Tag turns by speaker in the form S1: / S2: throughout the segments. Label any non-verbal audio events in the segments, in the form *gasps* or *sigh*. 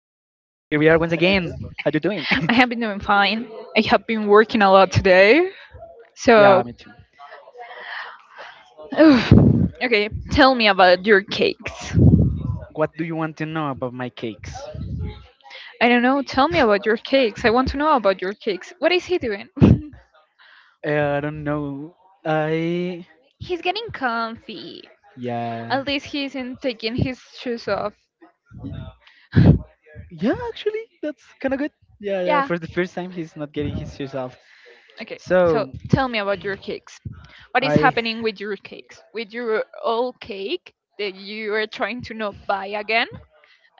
S1: once again. How you doing? *laughs*
S2: I have been doing fine. I have been working a lot today.
S1: yeah,
S2: So,
S1: me too.
S2: *sighs* okay, tell me about your cakes.
S1: What do you want to know about my cakes?
S2: I don't know, tell me about your cakes. I want to know about your cakes. What is he doing? *laughs*
S1: I don't know. I
S2: He's getting comfy.
S1: yeah.
S2: At least he isn't taking his shoes off.
S1: Y- Yeah, actually, that's kind of good. Yeah, yeah.
S2: Yeah.
S1: For the first time, he's not getting his shoes off.
S2: Okay, so
S1: So
S2: tell me about your cakes. What is
S1: I,
S2: happening with your cakes? With your old cake that you are trying to not buy again,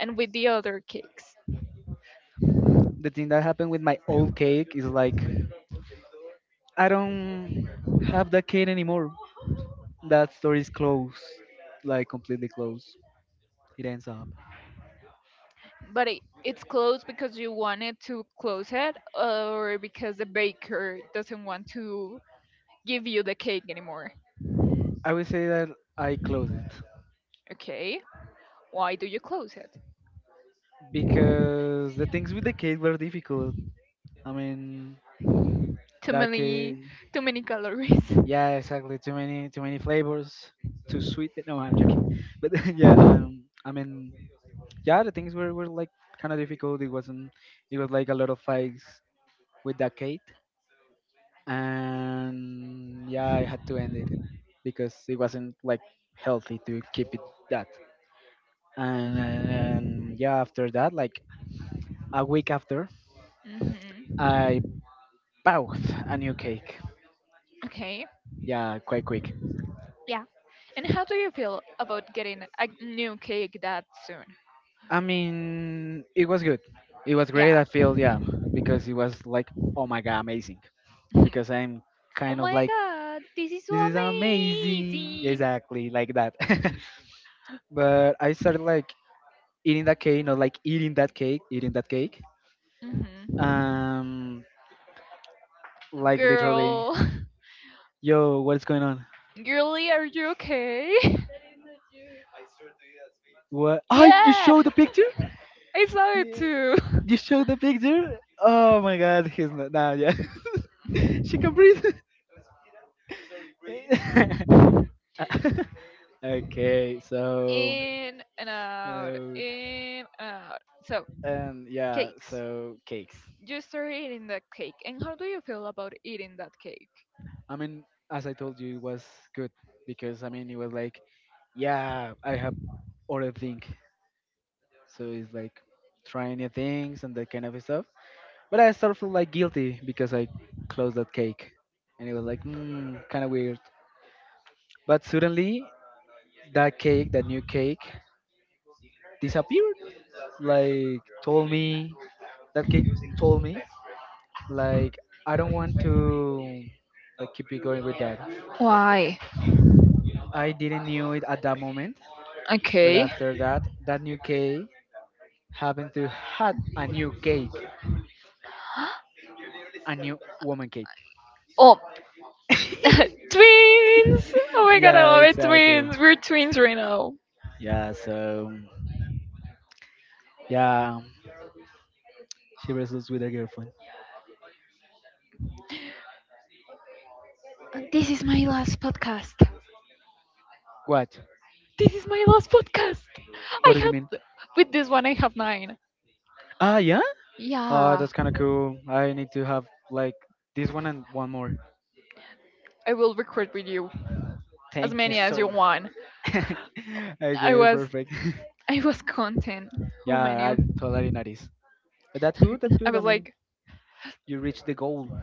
S2: and with the other cakes?
S1: the thing that happened with my old cake is like I don't have that cake anymore. That store is closed, like completely closed. It ends up.
S2: But it's closed because you wanted to close it, or because the baker doesn't want to give you the cake anymore.
S1: I would say that I close it
S2: Okay, why do you close it?
S1: because the things with the kid were difficult. I mean,
S2: Too
S1: that
S2: many,
S1: cake,
S2: too many calories. *laughs*
S1: yeah, exactly. Too many flavors, too sweet. No, I'm joking. But *laughs* yeah, I mean, yeah, the things were like kind of difficult. It wasn't. It was like a lot of fights with that cake, and yeah, I had to end it because it wasn't like healthy to keep it that. And yeah, after that, like a week after, I
S2: Hmm.
S1: Both a new cake.
S2: Okay.
S1: Yeah, quite quick.
S2: Yeah. And how do you feel about getting a new cake that soon?
S1: I mean, it was good. It was great.
S2: Yeah.
S1: I feel yeah because it was like
S2: *laughs* Oh
S1: oh my God, amazing, because I'm kind of
S2: my
S1: like
S2: god, this is
S1: this
S2: so
S1: is amazing
S2: amazing.
S1: exactly like that. *laughs* But I started like eating that cake, not like eating that cake, eating that cake.
S2: Hmm.
S1: Um, like literally,
S2: Girl,
S1: yo, what's going on?
S2: *laughs* girly, are you okay? *laughs*
S1: What? Oh, you
S2: Yeah,
S1: showed the picture?
S2: I saw it
S1: Yeah.
S2: too.
S1: You showed the picture? Oh my God, he's not. Nah, yeah, *laughs* she can breathe. *laughs* *laughs*
S2: *laughs*
S1: Okay, so
S2: In and out,
S1: uh,
S2: in and out. So,
S1: and yeah,
S2: cakes.
S1: so cakes.
S2: You started eating that cake, and how do you feel about eating that cake?
S1: I mean, as I told you, it was good because I mean it was like, yeah, I have other thing, so it's like trying new things and that kind of stuff. But I sort of feel like guilty because I closed that cake, and it was like kind of weird. But suddenly, that cake, that new cake, disappeared. Like told me that cake told me, like I don't want to like keep it going with that.
S2: Why?
S1: I didn't knew it at that moment, but
S2: Okay.
S1: after that, that new cake happened to had a new cake, a new woman cake.
S2: Oh, *laughs*
S1: *laughs*
S2: twins! Oh my god, I
S1: Yeah,
S2: love it,
S1: exactly.
S2: twins! We're twins right now.
S1: Yeah, so yeah, she wrestles with her girlfriend.
S2: This is my last podcast.
S1: What?
S2: This is my last podcast! I
S1: What do you mean?
S2: had, with this one I have nine.
S1: Ah, yeah. Ah,
S2: Yeah,
S1: that's kind of cool. I need to have like this one and one more.
S2: I will record with you as
S1: Thank you
S2: many as
S1: so
S2: you
S1: much.
S2: want.
S1: *laughs*
S2: I
S1: Okay,
S2: was
S1: perfect. *laughs*
S2: I was content how
S1: Yeah,
S2: many.
S1: I totally noticed. But that's good. That's
S2: I
S1: good. I
S2: was
S1: mean,
S2: like,
S1: you reached the goal.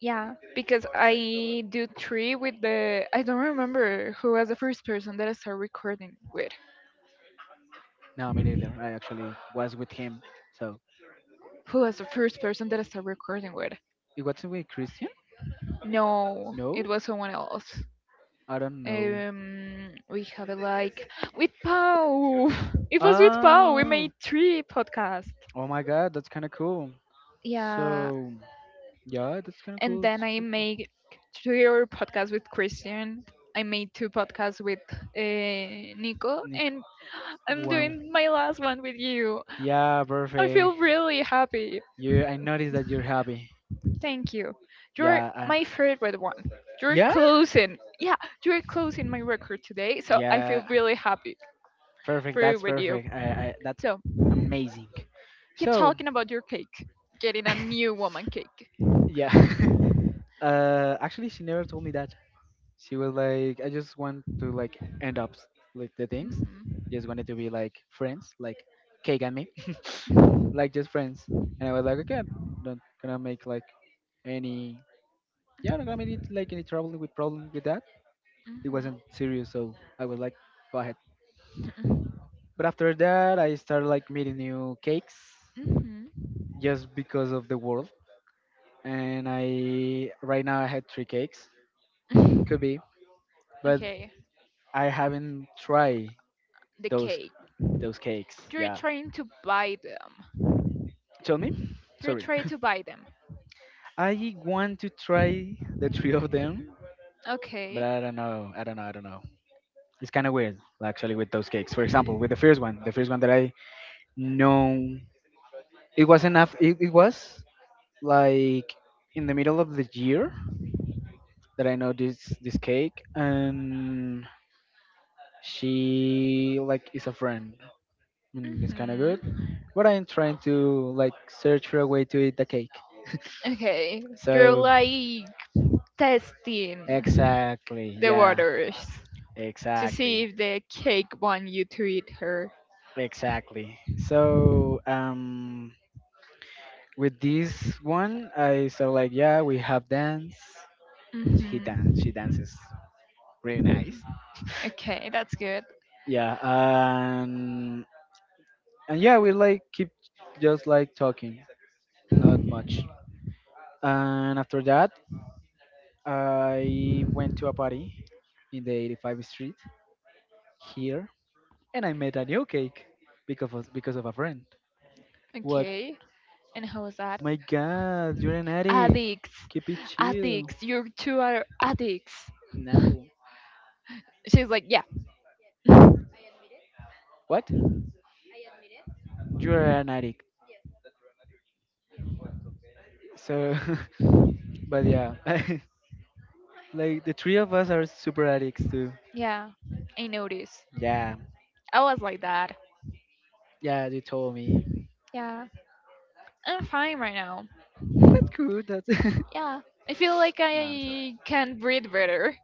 S2: yeah, because I do three with the, I don't remember who was the first person that I started recording with.
S1: No, me neither. I actually was with him. So
S2: Who was the first person that I started recording with?
S1: it wasn't with Christian?
S2: No,
S1: No,
S2: it was someone else.
S1: I don't know.
S2: We have it like with Pau. *laughs* It was with Pau. We
S1: Ah,
S2: made three podcasts.
S1: oh my God, that's kind of cool.
S2: Yeah,
S1: So yeah, that's kind of
S2: and
S1: cool. It's
S2: then I
S1: pretty cool.
S2: make your podcasts with Christian. I made two podcasts with Nico,
S1: Nick,
S2: and I'm
S1: wow.
S2: doing my last one with you.
S1: Yeah,
S2: I
S1: perfect.
S2: feel really happy.
S1: I noticed that you're happy.
S2: Thank you. You're
S1: Yeah, I'm.
S2: my favorite one. You're
S1: Yeah,
S2: closing. Yeah, you're closing my record today, so I feel
S1: yeah.
S2: really happy
S1: Perfect.
S2: for
S1: That's
S2: with you.
S1: perfect. That's
S2: So
S1: amazing.
S2: keep
S1: So,
S2: talking about your cake, getting a new
S1: *laughs*
S2: woman cake.
S1: yeah. *laughs* Actually, she never told me that. She was like, I just want to like end
S2: Hmm,
S1: up with the
S2: hmm,
S1: things.
S2: hmm,
S1: Just wanted
S2: hmm.
S1: to be like friends, like cake and me, *laughs* like just friends. And I was like, okay, I'm not gonna make like any. Yeah, I'm not gonna make it, like any trouble with problem with that. It wasn't serious, so I was like, go ahead. But after that, I started like meeting new cakes
S2: *laughs*
S1: just because of the world. And I right now I had three cakes, could be, but
S2: Okay.
S1: I haven't tried
S2: The
S1: those
S2: cake.
S1: those cakes.
S2: You're
S1: Yeah,
S2: trying to buy them.
S1: tell me.
S2: You're
S1: Sorry,
S2: trying to buy them.
S1: *laughs* I want to try the three of them, but
S2: Okay.
S1: I don't know. I don't know. I don't know. It's kind of weird, actually, with those cakes. For example, with the first one that I know, it was enough. It was like in the middle of the year, that I know this cake, and she like is a friend, and it's kind of
S2: Hmm.
S1: good. But I'm trying to like search for a way to eat the cake.
S2: Okay. You're
S1: So
S2: like testing
S1: exactly,
S2: the
S1: yeah,
S2: waters to see
S1: exactly,
S2: if the cake want you to eat her.
S1: exactly. So with this one, I saw like yeah, we have dance. He dance, she
S2: Hmm.
S1: dances really nice. *laughs*
S2: Okay, that's good.
S1: Yeah, and yeah, we like keep just like talking, not much. And after that, I went to a party in the 85th Street here, and I met a new cake because of a friend. What?
S2: Okay, and how was that?
S1: My God, you're an addict.
S2: Addicts,
S1: Keep it chill.
S2: addicts, you two are addicts.
S1: No.
S2: She's like, yeah,
S1: What? You're an addict. So, *laughs* but yeah, *laughs* like the three of us are super addicts too.
S2: *laughs* yeah, I noticed.
S1: Yeah,
S2: I was like that.
S1: yeah, you told me.
S2: Yeah, I'm fine right now.
S1: That's good. That's. *laughs*
S2: Yeah, I feel like
S1: No, I'm sorry.
S2: I can breathe better.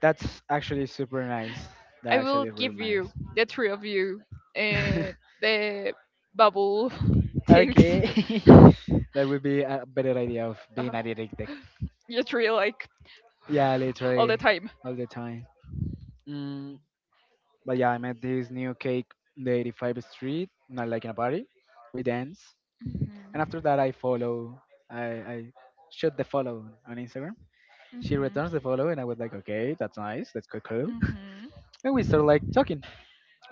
S1: That's actually super nice.
S2: I
S1: That's
S2: will
S1: actually real
S2: give you
S1: nice.
S2: the three of you uh,
S1: *laughs*
S2: the bubble *laughs* things.
S1: Okay. *laughs* That would be a better idea of
S2: Uh,
S1: being a detective.
S2: you three like
S1: Yeah,
S2: *sighs* all the
S1: literally
S2: time.
S1: all the time. Mm, but yeah, I met this new cake in the 85th Street, not like in a party. We dance. And after that, I follow. I shoot the follow on Instagram. She
S2: Mhm,
S1: returns the follow, and I was like, okay, that's nice. That's cool. Cool.
S2: mhm,
S1: And we start like talking.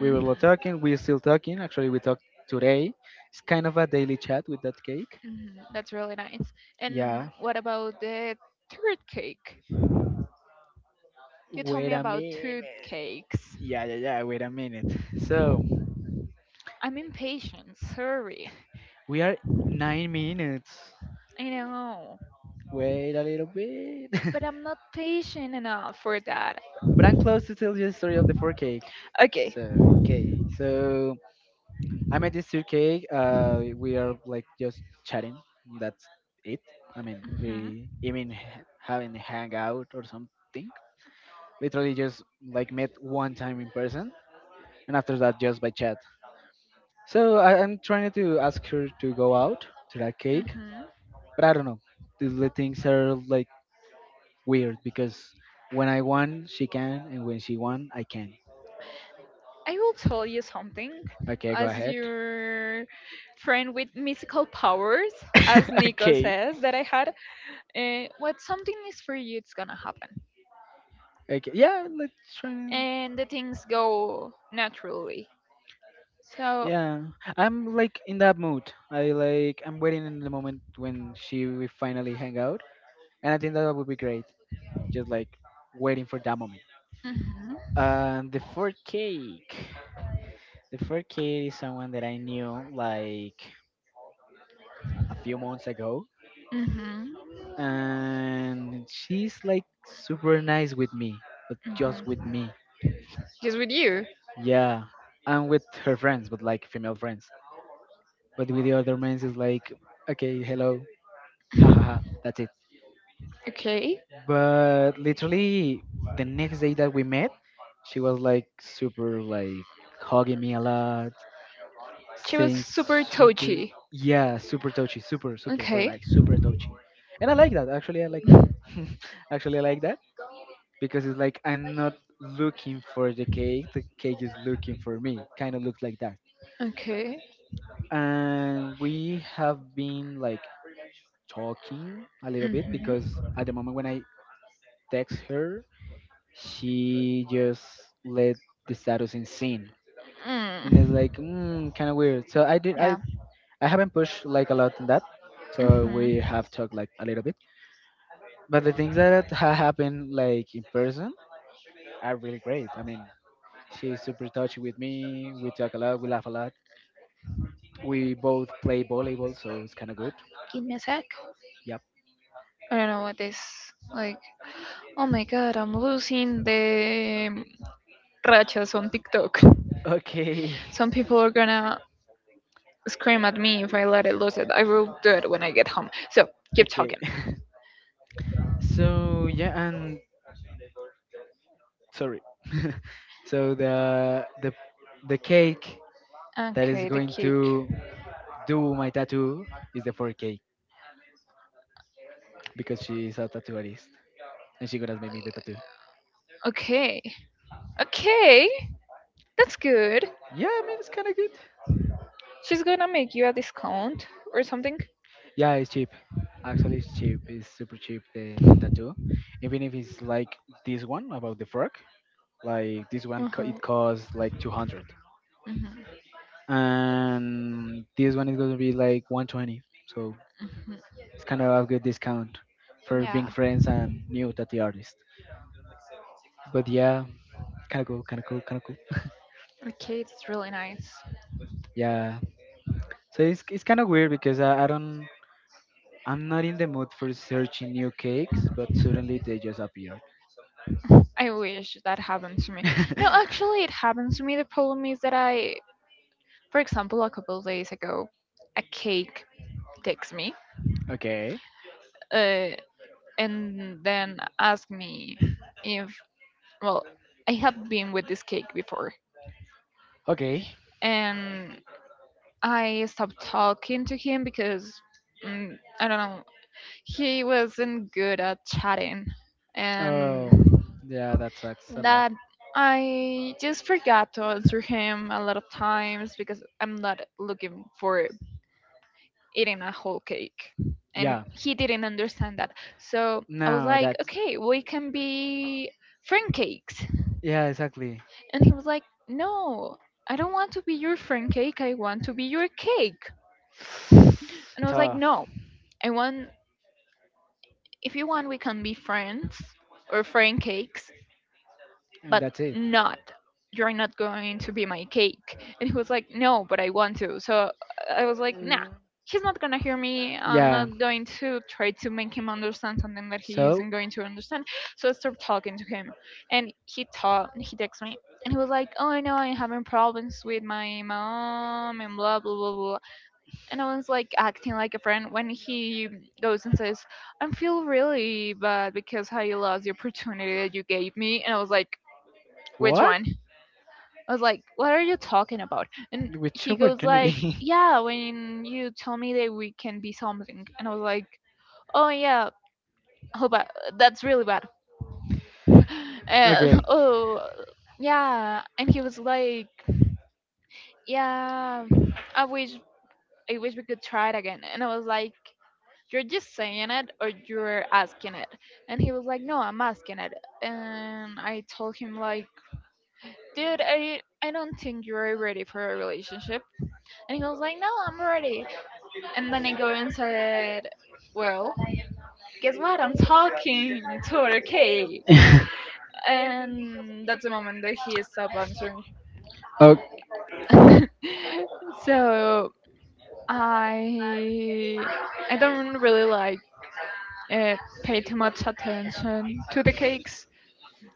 S1: We
S2: mhm.
S1: were talking. We're still talking. Actually, we talked today. It's kind of a daily chat with that cake.
S2: Mhm, that's really nice. And
S1: Yeah.
S2: what about the third cake? You told
S1: Wait
S2: me
S1: a
S2: about
S1: minute.
S2: two cakes.
S1: Yeah, yeah, yeah. Wait a minute. So
S2: I'm impatient, sorry.
S1: we are 9 minutes.
S2: I know,
S1: Wait a little bit.
S2: but I'm not patient enough for that.
S1: *laughs* But I'm close to tell you the story of the four cake.
S2: Okay.
S1: So okay. So I met this two cake. We are like just chatting. That's it. I mean,
S2: Mm-hmm.
S1: we even having a hangout or something. Literally just like met one time in person, and after that just by chat. So I'm trying to ask her to go out to that cake,
S2: Mhm.
S1: but I don't know, the things are like weird because when I want she can, and when she want I can.
S2: I will tell you something.
S1: Okay, go
S2: As
S1: ahead.
S2: your friend with mystical powers, as
S1: *laughs*
S2: Nico
S1: Okay,
S2: says that I had, what something is for you, it's gonna happen,
S1: okay, yeah, let's try. And
S2: and the things go naturally. So,
S1: yeah, I'm like in that mood, I I'm waiting in the moment when she will finally hang out. And I think that would be great, just like waiting for that moment.
S2: mhm,
S1: And the fourth cake. The fourth cake is someone that I knew like a few months ago.
S2: mhm,
S1: And she's like super nice with me, but just with
S2: mhm.
S1: me.
S2: Just with you,
S1: Yeah. And with her friends, but like female friends. But with the other men, it's like, okay, hello, ha ha ha, that's it.
S2: okay?
S1: But literally, the next day that we met, she was like super, like hugging me a lot,
S2: She was
S1: saying
S2: super
S1: super,
S2: touchy.
S1: yeah, super touchy, super super, but
S2: Okay,
S1: like super touchy. And I like that. Actually, I like that. *laughs* Actually, I like that, because it's like I'm not looking for the cake. The cake is looking for me, kind of looks like that.
S2: okay,
S1: And we have been like talking a little bit, because at the
S2: mhm.
S1: moment when I text her, she just let the status in scene, and it's
S2: Mm.
S1: like kind of weird. So I did.
S2: Yeah.
S1: I haven't pushed like a lot in that, so
S2: Mhm.
S1: we have talked like a little bit. But the things that happened like in person are really great. I mean, she's super touchy with me. We talk a lot. We laugh a lot. We both play volleyball, so it's kind of good.
S2: Give me a sec.
S1: Yep.
S2: I don't know what this like. Oh my god, I'm losing the rachas on TikTok.
S1: Okay.
S2: Some people are gonna scream at me if I let it lose it. I will do it when I get home. So
S1: *laughs*
S2: keep
S1: Okay.
S2: talking.
S1: *laughs* So yeah, and sorry. *laughs* So the cake that is
S2: Okay, the
S1: going
S2: kick.
S1: to do my tattoo is the fur cake, because she's a tattoo artist and she gonna make me the tattoo.
S2: Okay, okay, that's good.
S1: Yeah, I mean it's kind of good.
S2: She's gonna make you a discount or something.
S1: Yeah, it's cheap. Actually, it's cheap. It's super cheap. The tattoo, even if it's like this one about the frog, like this one
S2: Uh huh.
S1: it costs like 200,
S2: Mhm.
S1: and this one is gonna be like 120. So
S2: Mhm.
S1: it's kind of a good discount for being
S2: Yeah.
S1: friends and new tattoo artist. But yeah, kind of cool, kind of cool, kind of cool.
S2: Okay, it's really nice.
S1: Yeah. So it's kind of weird because I'm not in the mood for searching new cakes, but suddenly they just appear.
S2: I wish that happened to me. No, actually,
S1: *laughs*
S2: it happened to me. The problem is that for example, a couple of days ago, a cake takes me,
S1: Okay.
S2: uh, and then asked me if, well, I had been with this cake before.
S1: Okay.
S2: And I stopped talking to him because, mm, I don't know, he wasn't good at chatting. And
S1: Oh, yeah, that sucks a lot.
S2: that I just forgot to answer him a lot of times because I'm not looking for eating a whole cake. And
S1: Yeah.
S2: he didn't understand that. So I was
S1: No,
S2: like,
S1: that's
S2: okay, we can be friend cakes.
S1: yeah, exactly.
S2: And he was like, no, I don't want to be your friend cake. I want to be your cake. *laughs* And
S1: *sighs*
S2: I was like,
S1: Tough.
S2: no, I want, if you want, we can be friends or friend cakes.
S1: And
S2: But
S1: that's it.
S2: not, you're not going to be my cake. And he was like, no, but I want to. So I was like, nah,
S1: Mm,
S2: he's not gonna hear me. I'm
S1: yeah.
S2: not going to try to make him understand something that he
S1: So,
S2: isn't going to understand. So I started talking to him, and he talked, he texted me, and he was like, oh, I know, I'm having problems with my mom and blah blah blah blah. And I was like acting like a friend when he goes and says, I feel really bad because how you lost the opportunity that you gave me. And I was like, which
S1: what?
S2: one? I was like, what are you talking about? And
S1: Which
S2: he goes like,
S1: opportunity?
S2: yeah, when you told me that we can be something. And I was like, oh yeah, how bad, that's really bad. *laughs*
S1: *laughs*
S2: uh,
S1: Okay.
S2: oh Yeah, and he was like, yeah, I wish, I wish we could try it again. And I was like, you're just saying it, or you're asking it? And he was like, no, I'm asking it. And I told him like, dude, I don't think you're ready for a relationship. And he was like, no, I'm ready. And then I go and said, well, guess what? I'm talking to other cake.
S1: *laughs*
S2: And that's the moment that he stopped answering.
S1: O-
S2: *laughs* So I I don't really like, uh, pay too much attention to the cakes,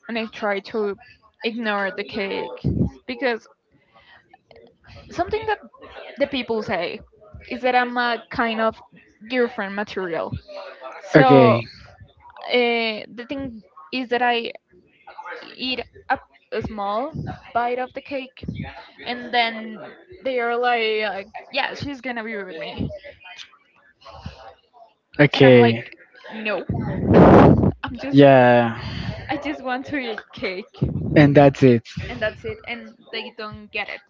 S2: and I try to ignore the cake because something that the people say is that I'm a kind of girlfriend material. So
S1: okay.
S2: The thing is that I eat a, a small bite of the cake, and then they are like, yeah, she's gonna be with me, and I'm
S1: Okay.
S2: like, no, I'm just,
S1: Yeah.
S2: I just want to eat cake,
S1: And that's it.
S2: and that's it. And they don't get it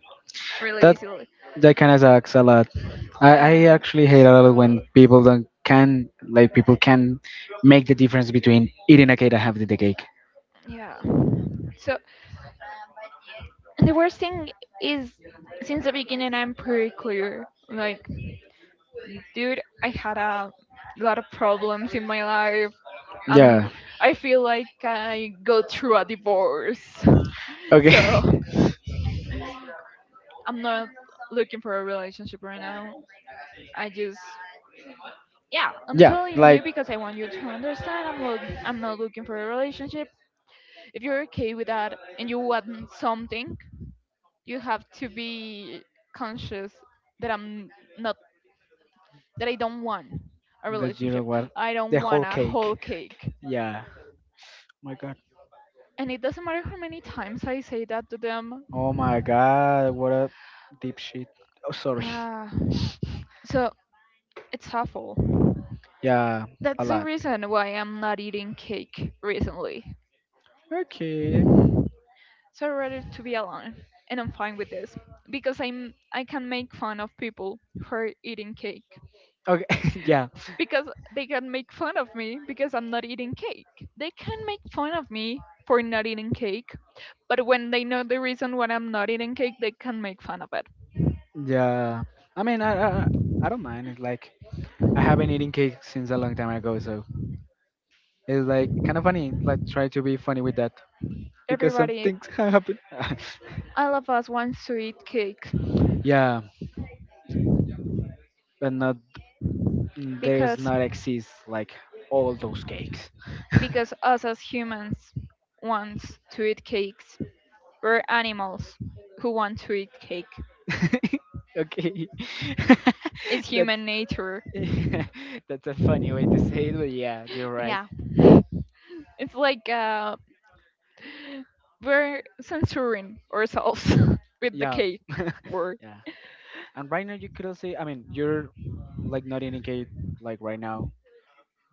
S2: really
S1: That
S2: easily,
S1: that kind of sucks a lot. I
S2: and
S1: actually hate a lot
S2: so
S1: when people don't can, like people can make the difference between eating a cake and having the cake.
S2: yeah. So, and the worst thing is, since the beginning, I'm pretty clear. Like, dude, I had a lot of problems in my life,
S1: Yeah.
S2: um I feel like I go through a divorce. *laughs*
S1: Okay. *laughs*
S2: So I'm not looking for a relationship right now. I just, yeah, I'm
S1: Yeah.
S2: telling
S1: Like
S2: you because I want you to understand. I'm not looking for a relationship. If you're okay with that and you want something, you have to be conscious that I'm not that I don't want a
S1: that. You know
S2: relationship.
S1: what?
S2: I don't
S1: The
S2: want
S1: whole
S2: a
S1: cake.
S2: whole cake.
S1: Yeah. Oh my God.
S2: And it doesn't matter how many times I say that to them.
S1: Oh my God. What a deep shit. Oh, sorry. *laughs*
S2: Yeah. So it's awful.
S1: Yeah. A
S2: That's the
S1: lot.
S2: reason why I'm not eating cake recently.
S1: Okay.
S2: So I'd rather to be alone, and I'm fine with this because I can make fun of people who are eating cake
S1: Okay. *laughs* Yeah.
S2: because they can make fun of me because I'm not eating cake. They can make fun of me for not eating cake, but when they know the reason why I'm not eating cake, they can make fun of it.
S1: Yeah. I mean, I don't mind. It's like I haven't eaten cake since a long time ago, so it's like kind of funny. Like try to be funny with that, because some
S2: Everybody,
S1: things can happen. *laughs*
S2: all of us wants to eat cake
S1: Yeah, but not, there's
S2: because
S1: not exist like all those cakes.
S2: because us as humans wants to eat cake. We're animals who want to eat cake.
S1: *laughs* Okay,
S2: It's
S1: *laughs* that's
S2: human nature.
S1: *laughs* that's a funny way to say it, but yeah, you're right.
S2: Yeah. It's like we're censoring ourselves *laughs* with the
S1: Yeah,
S2: cake
S1: *laughs*
S2: word.
S1: yeah. And right now you could also, I mean, you're like not eating cake like right now.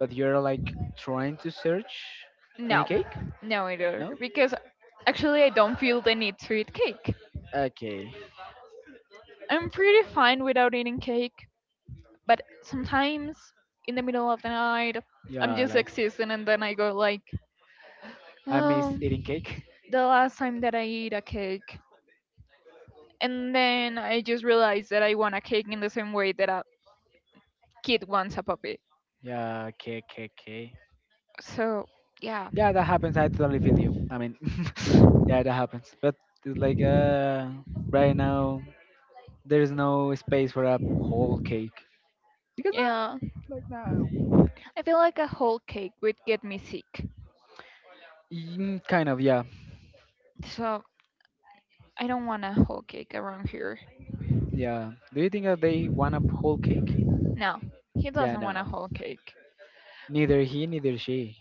S1: But you're like trying to search any
S2: No,
S1: cake?
S2: no, either.
S1: No?
S2: Because actually, I don't feel the need to eat cake.
S1: Okay.
S2: I'm pretty fine without eating cake, but sometimes in the middle of the night, I'm
S1: Yeah,
S2: just
S1: like
S2: existing and then I go like,
S1: I miss
S2: oh,
S1: eating cake. *laughs*
S2: the last time that I eat a cake. And then I just realized that I want a cake in the same way that a kid wants a puppy.
S1: Yeah, cake, cake, cake.
S2: So, yeah.
S1: Yeah, that happens. I totally feel you. I mean, *laughs* yeah, that happens. But it's like right now there's no space for a whole cake because
S2: Yeah. I feel like a whole cake would get me sick.
S1: no. Kind of. Yeah,
S2: So, I don't want a whole cake around here.
S1: yeah. Do you think that they want a whole cake?
S2: No, he
S1: Yeah,
S2: doesn't want a
S1: no.
S2: whole cake.
S1: Neither he, neither she.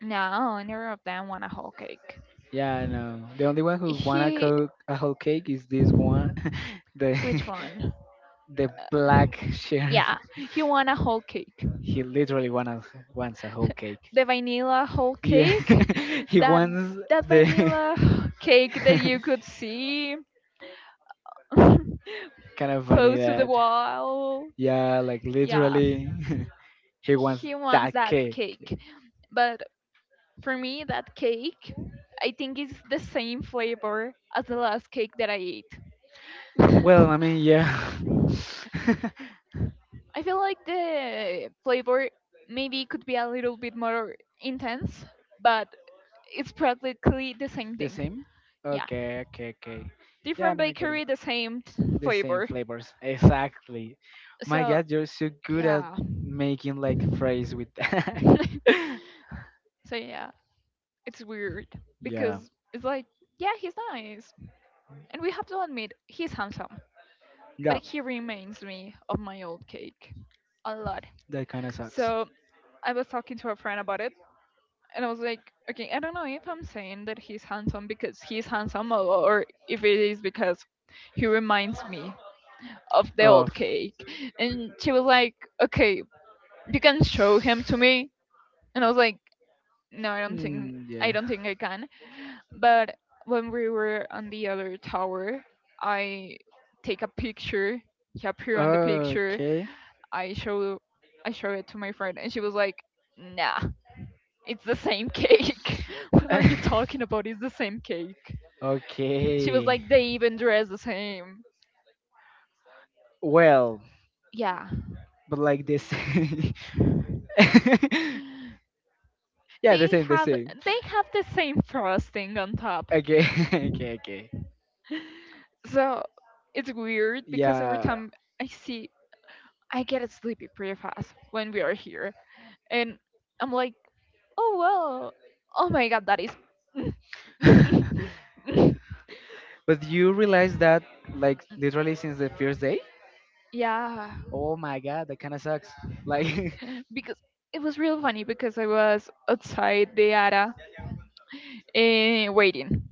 S2: No, neither of them want a whole cake.
S1: Yeah, I know. The only one who wanna
S2: He.
S1: cook a whole cake is this one, *laughs* the
S2: Which one?
S1: *laughs* the
S2: Uh,
S1: black shirt.
S2: Yeah,
S1: *laughs*
S2: he want a whole cake.
S1: He literally wanna wants a whole cake.
S2: The vanilla whole
S1: Yeah,
S2: cake,
S1: *laughs*
S2: *laughs*
S1: he
S2: that,
S1: wants
S2: that
S1: the *laughs*
S2: vanilla *sighs* cake that you could see *laughs*
S1: kind of funny
S2: close to the
S1: that.
S2: wall.
S1: Yeah, like
S2: Yeah,
S1: literally, *laughs* he wants
S2: he wants
S1: that
S2: that
S1: cake.
S2: cake, but for me, that cake, I think it's the same flavor as the last cake that I ate. *laughs*
S1: Well,
S2: I
S1: I mean, yeah. *laughs*
S2: feel like the flavor maybe could be a little bit more intense, but it's practically the same
S1: the
S2: thing.
S1: same.
S2: Yeah,
S1: Okay, okay, okay. Yeah, I
S2: different
S1: mean, I get it.
S2: bakery, the same
S1: The same
S2: flavor.
S1: flavors. Exactly. My
S2: So
S1: God, you're so good at
S2: yeah.
S1: making like phrase with that. *laughs*
S2: *laughs* So yeah, it's weird
S1: yeah.
S2: because it's like, yeah, he's nice, and we have to admit he's handsome, but
S1: Yeah.
S2: he reminds me of my old cake a lot.
S1: That kind of sucks.
S2: So I was talking to a friend about it, and I was like, okay, I don't know if I'm saying that he's handsome because he's handsome, or if it is because he reminds me of the
S1: Oh.
S2: old cake. And she was like, okay, you can show him to me, and I was like. No, I don't think
S1: Mm, yeah.
S2: I can. But when we were on the other tower, I take a picture. He appeared on the picture.
S1: Okay.
S2: I show I show it to my friend, and she was like, "Nah, it's the same cake. *laughs* What are you talking
S1: *laughs*
S2: about? It's the same cake." She was
S1: okay.
S2: like, "They even dress the same."
S1: Well,
S2: Yeah,
S1: but like this. *laughs* yeah, the
S2: they
S1: same, the
S2: have
S1: same.
S2: the same frosting on top.
S1: Okay. *laughs* okay. Okay.
S2: So it's weird because every
S1: Yeah.
S2: time I see I get sleepy pretty fast when we are here. And I'm like, oh well, oh my god, that is.
S1: *laughs*
S2: *laughs*
S1: but you realize that like literally since the first day?
S2: yeah,
S1: Oh my god, that kind of sucks. Like,
S2: because it was real funny because I was outside the ARA, waiting.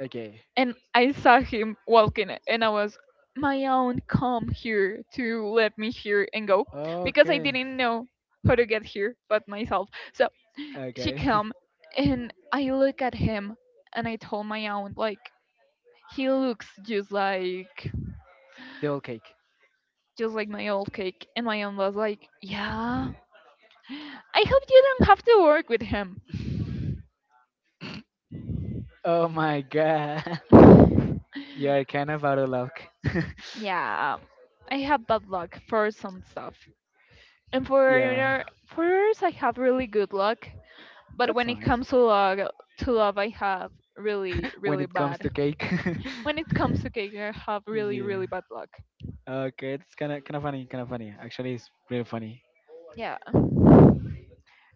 S1: *laughs* okay.
S2: And I saw him walking, and I was, my own come here to let me here and go. Because I
S1: Okay.
S2: didn't know how to get here but myself. So she
S1: Okay.
S2: come, and I look at him, and I told my aunt, like, he looks
S1: *laughs* the old cake.
S2: just like my old cake. And my aunt was like, yeah, I hope you don't have to work with him.
S1: Oh my god. *laughs* You are kind of out of luck. *laughs*
S2: Yeah, I have bad luck for some stuff, and
S1: yeah.
S2: for others I have really good luck. But
S1: That's
S2: when it
S1: nice.
S2: comes to love, to love I have really
S1: *laughs* When
S2: really
S1: it comes
S2: bad.
S1: to cake.
S2: When it comes to cake I have
S1: *laughs*
S2: really
S1: yeah.
S2: really bad luck.
S1: Okay, it's kind of funny, kind of funny. Actually, it's really funny.
S2: Yeah,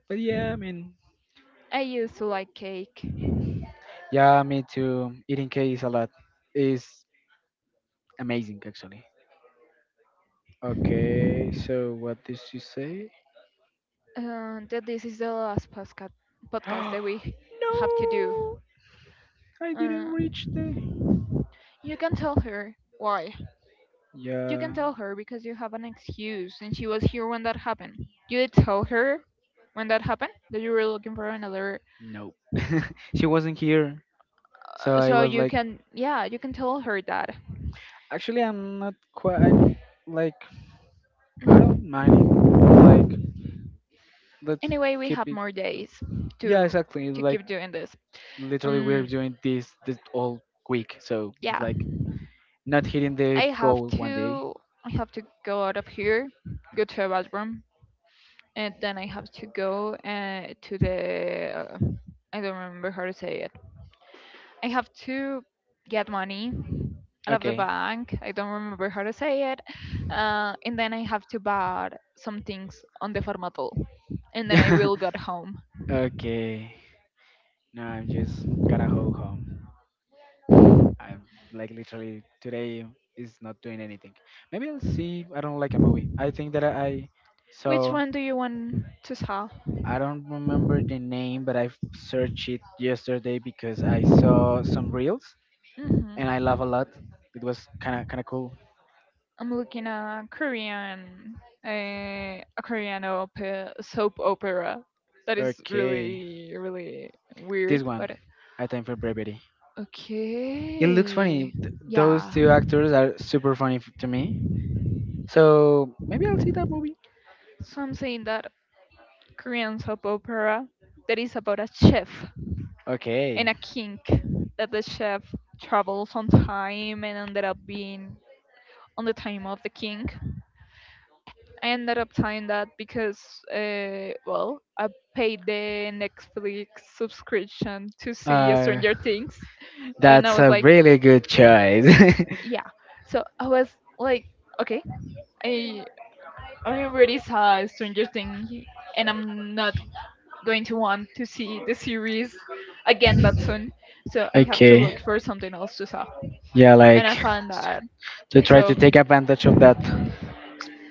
S1: But yeah, I mean,
S2: I used to like cake.
S1: yeah, me too. Eating cake is a lot. It's amazing, actually. Okay, so what did she say?
S2: That this is the last podcast
S1: *gasps* No,
S2: that we have to do.
S1: I didn't
S2: uh,
S1: reach the.
S2: You can tell her. Why? You can
S1: Yeah,
S2: tell her because you have an excuse and she was here when that happened. You did tell her when that happened that you were looking for another.
S1: no, *laughs* she wasn't here. So
S2: uh,
S1: I
S2: So
S1: was
S2: you
S1: like,
S2: can, yeah, you can tell her that.
S1: actually, I'm not quite. I'm like, I don't
S2: *laughs*
S1: mind it. It's like, let's
S2: Anyway, we
S1: keep
S2: have
S1: it
S2: more
S1: cool.
S2: days
S1: Yeah,
S2: to
S1: exactly.
S2: to
S1: Like,
S2: keep doing this.
S1: literally we're
S2: Um,
S1: doing this all week, so it's
S2: yeah,
S1: like not hitting
S2: I
S1: the
S2: have
S1: goal one day.
S2: to go out of here, go to a bathroom, and then I have to go to the uh, I don't remember how to say it. I have to get money out of the
S1: Okay.
S2: bank. I don't remember how to say it. And then I have to buy some things on the formatal. And then I will get
S1: *laughs*
S2: home.
S1: okay. Now I'm just gotta go home. I'm like literally today is not doing anything. Maybe I'll see. I don't like a movie. I think that I
S2: Which
S1: saw.
S2: one do you want to sell?
S1: I don't remember the name, but I searched it yesterday because I saw some reels and I laugh
S2: Hmm.
S1: a lot. It was kind of cool.
S2: I'm looking at Korean, a Korean soap opera. That is
S1: Okay.
S2: really, really
S1: This
S2: weird,
S1: one,
S2: but
S1: A Time for Brevity.
S2: it looks funny.
S1: It okay. Looks
S2: Okay.
S1: funny. Th- those
S2: Yeah.
S1: two actors are super funny to me. So maybe I'll see that movie.
S2: So I'm saying that Korean soap opera that is about a chef and
S1: Okay.
S2: a king, that the chef travels on time and ended up being on the time of the king. I ended up saying that because well, I paid the Netflix subscription to see
S1: Uh,
S2: Stranger Things, and I
S1: that's
S2: was
S1: a
S2: like,
S1: really good choice. *laughs*
S2: yeah. So I was like, okay, I I already saw Stranger Things, and I'm not going to want to see the series again that soon. So I have to
S1: okay.
S2: look for something else to saw,
S1: Yeah, like
S2: and I found that.
S1: to try to
S2: So
S1: take advantage of that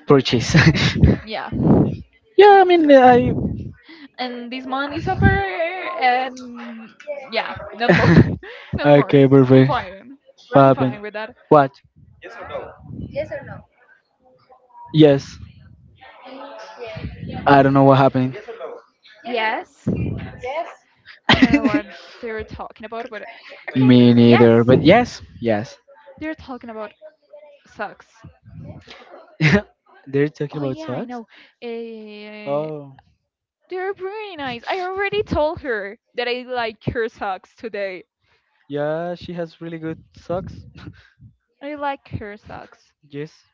S1: purchase. *laughs*
S2: yeah,
S1: yeah, I mean, I
S2: and this month is over, and yeah, not more, *laughs*
S1: *laughs*
S2: not more.
S1: okay,
S2: I'm
S1: perfect.
S2: fine.
S1: What
S2: I'm
S1: happened?
S2: fine with that.
S1: What? Yes, I don't know what happened.
S2: Yes, I don't know what
S1: *laughs*
S2: they were talking about, but okay.
S1: Me
S2: Yes,
S1: neither. But yes, yes.
S2: they were talking about sex.
S1: *laughs* they're talking
S2: Oh
S1: about
S2: yeah, I
S1: socks?
S2: know. Uh,
S1: Oh,
S2: they're pretty nice. I already told her that I like her socks today.
S1: yeah, she has really good socks. *laughs*
S2: I like her socks.
S1: Yes.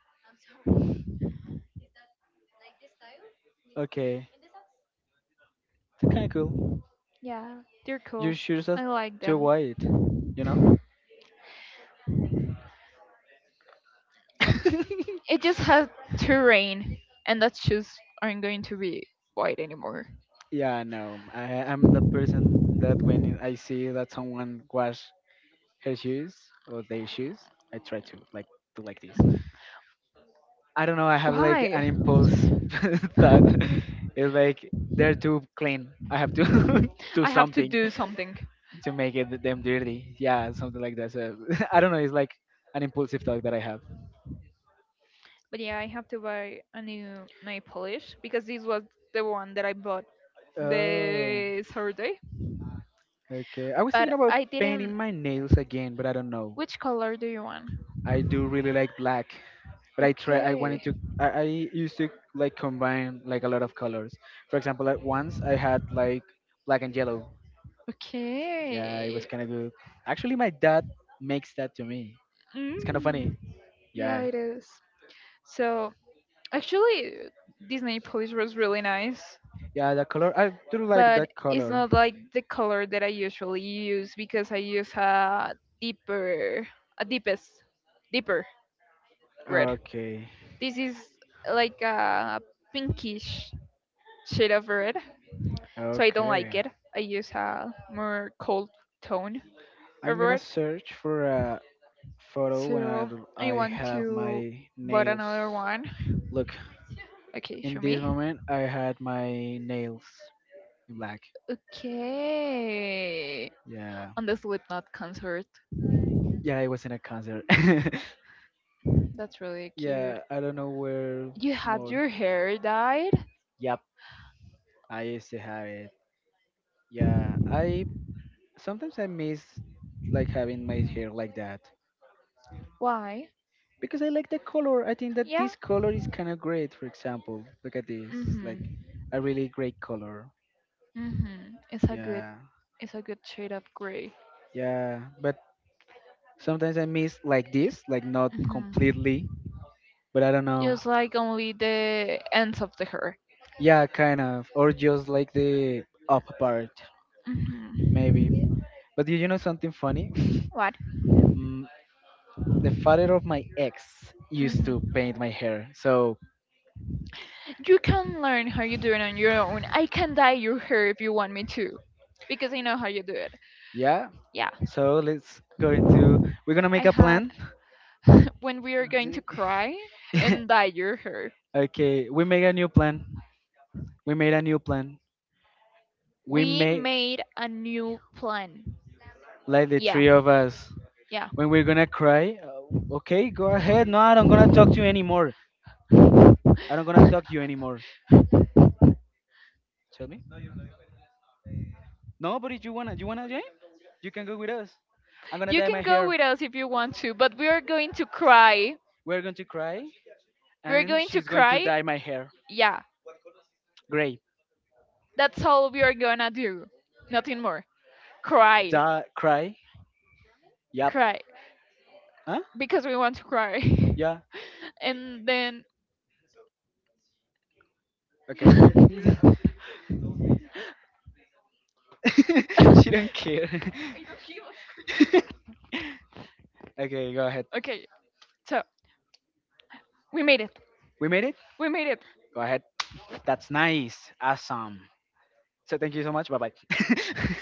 S1: Okay. They're kind of cool.
S2: Yeah, they're
S1: Your
S2: cool.
S1: shoes are
S2: I like
S1: too
S2: them.
S1: white, you know? *laughs*
S2: It just has to rain, and that shoes aren't going to be white anymore.
S1: yeah, no. I'm the person that when I see that someone wash her shoes or their shoes, I try to like do like this. I don't know. I have like
S2: Why?
S1: an impulse *laughs* thought. It's like they're too clean. I have to *laughs* do
S2: I have to
S1: something
S2: do something.
S1: to make it them dirty. Yeah, something like that. So *laughs* I don't know. It's like an impulsive thought that I have.
S2: But yeah, I have to buy a new nail polish because this was the one that I bought
S1: Oh,
S2: the Saturday.
S1: okay. I was
S2: But
S1: thinking about
S2: I didn't.
S1: painting my nails again, but I don't know.
S2: Which color do you want?
S1: I do really like black, but I try. I
S2: Okay,
S1: wanted to. I used to like combine like a lot of colors. For example, at once I had like black and yellow. Yeah, it was
S2: okay.
S1: kind of good. Actually, my dad makes that to me. It's kind of funny.
S2: Mm. Yeah,
S1: Yeah.
S2: it is. So actually, Disney Police was really nice,
S1: Yeah, the color. I do like
S2: but
S1: that
S2: it's
S1: color.
S2: not like the color that I usually use because I use a deeper, a deeper red.
S1: Okay.
S2: This is like a pinkish shade of red, so I don't like
S1: Okay.
S2: it. I use a more cold tone
S1: I'm
S2: over
S1: gonna
S2: it.
S1: search for a photo when I
S2: So I
S1: I
S2: want
S1: have
S2: to
S1: my
S2: buy
S1: nails.
S2: another one.
S1: Look,
S2: Okay,
S1: in
S2: show
S1: this
S2: me.
S1: moment, I had my nails in black.
S2: Okay,
S1: Yeah.
S2: on the Slipknot concert.
S1: Yeah, it was in a concert.
S2: That's really
S1: *laughs*
S2: cute.
S1: yeah, I don't know where
S2: You had
S1: more.
S2: your hair dyed.
S1: Yep, I used to have it. Yeah, I sometimes I miss like having my hair like that
S2: Why?
S1: because I like the color. I think that
S2: Yeah.
S1: this color is kind of great. For example, look at this, like
S2: Mhm.
S1: a really great color.
S2: Mhm. It's a good
S1: Yeah,
S2: Shade of gray.
S1: yeah. But sometimes I miss like this, like not
S2: Mhm.
S1: completely. But I don't know.
S2: Just like only the ends of the hair.
S1: Yeah, kind of. Or just like the up part,
S2: Mhm.
S1: maybe. But do you know something funny? *laughs*
S2: What?
S1: Mm, the father of my ex used to
S2: Mhm.
S1: paint my hair. So,
S2: You can learn how you do it on your own. I can dye your hair if you want me to, because I know how you do it.
S1: yeah.
S2: Yeah.
S1: So, let's go into. We're gonna
S2: I
S1: make a
S2: had
S1: plan.
S2: *laughs* when we are going to cry and dye
S1: *laughs*
S2: your hair.
S1: okay, we make a new plan. We made a new plan. We
S2: We
S1: made
S2: made a new plan.
S1: like the
S2: Yeah.
S1: three of us.
S2: Yeah.
S1: When we're gonna cry, okay, go ahead. No, I don't gonna talk to you anymore. I don't gonna talk to you anymore. Tell me. No, but if you wanna, you wanna, Jane, you can go with us. I'm gonna
S2: You
S1: dye
S2: can
S1: my
S2: go
S1: hair.
S2: with us if you want to, but we are going to cry.
S1: We're going to cry,
S2: We're
S1: and
S2: going to
S1: she's going to
S2: cry.
S1: dye my hair
S2: Yeah,
S1: gray.
S2: that's all we are gonna do. Nothing more. Cry.
S1: Da cry. Yep.
S2: Cry.
S1: Huh?
S2: Because we want to cry.
S1: Yeah.
S2: *laughs* And then.
S1: Okay.
S2: *laughs*
S1: *laughs* she don't care. *laughs* okay, go ahead.
S2: Okay, so we made it.
S1: We made it.
S2: We made it.
S1: Go ahead. That's nice. Awesome. So thank you so much. Bye bye. *laughs*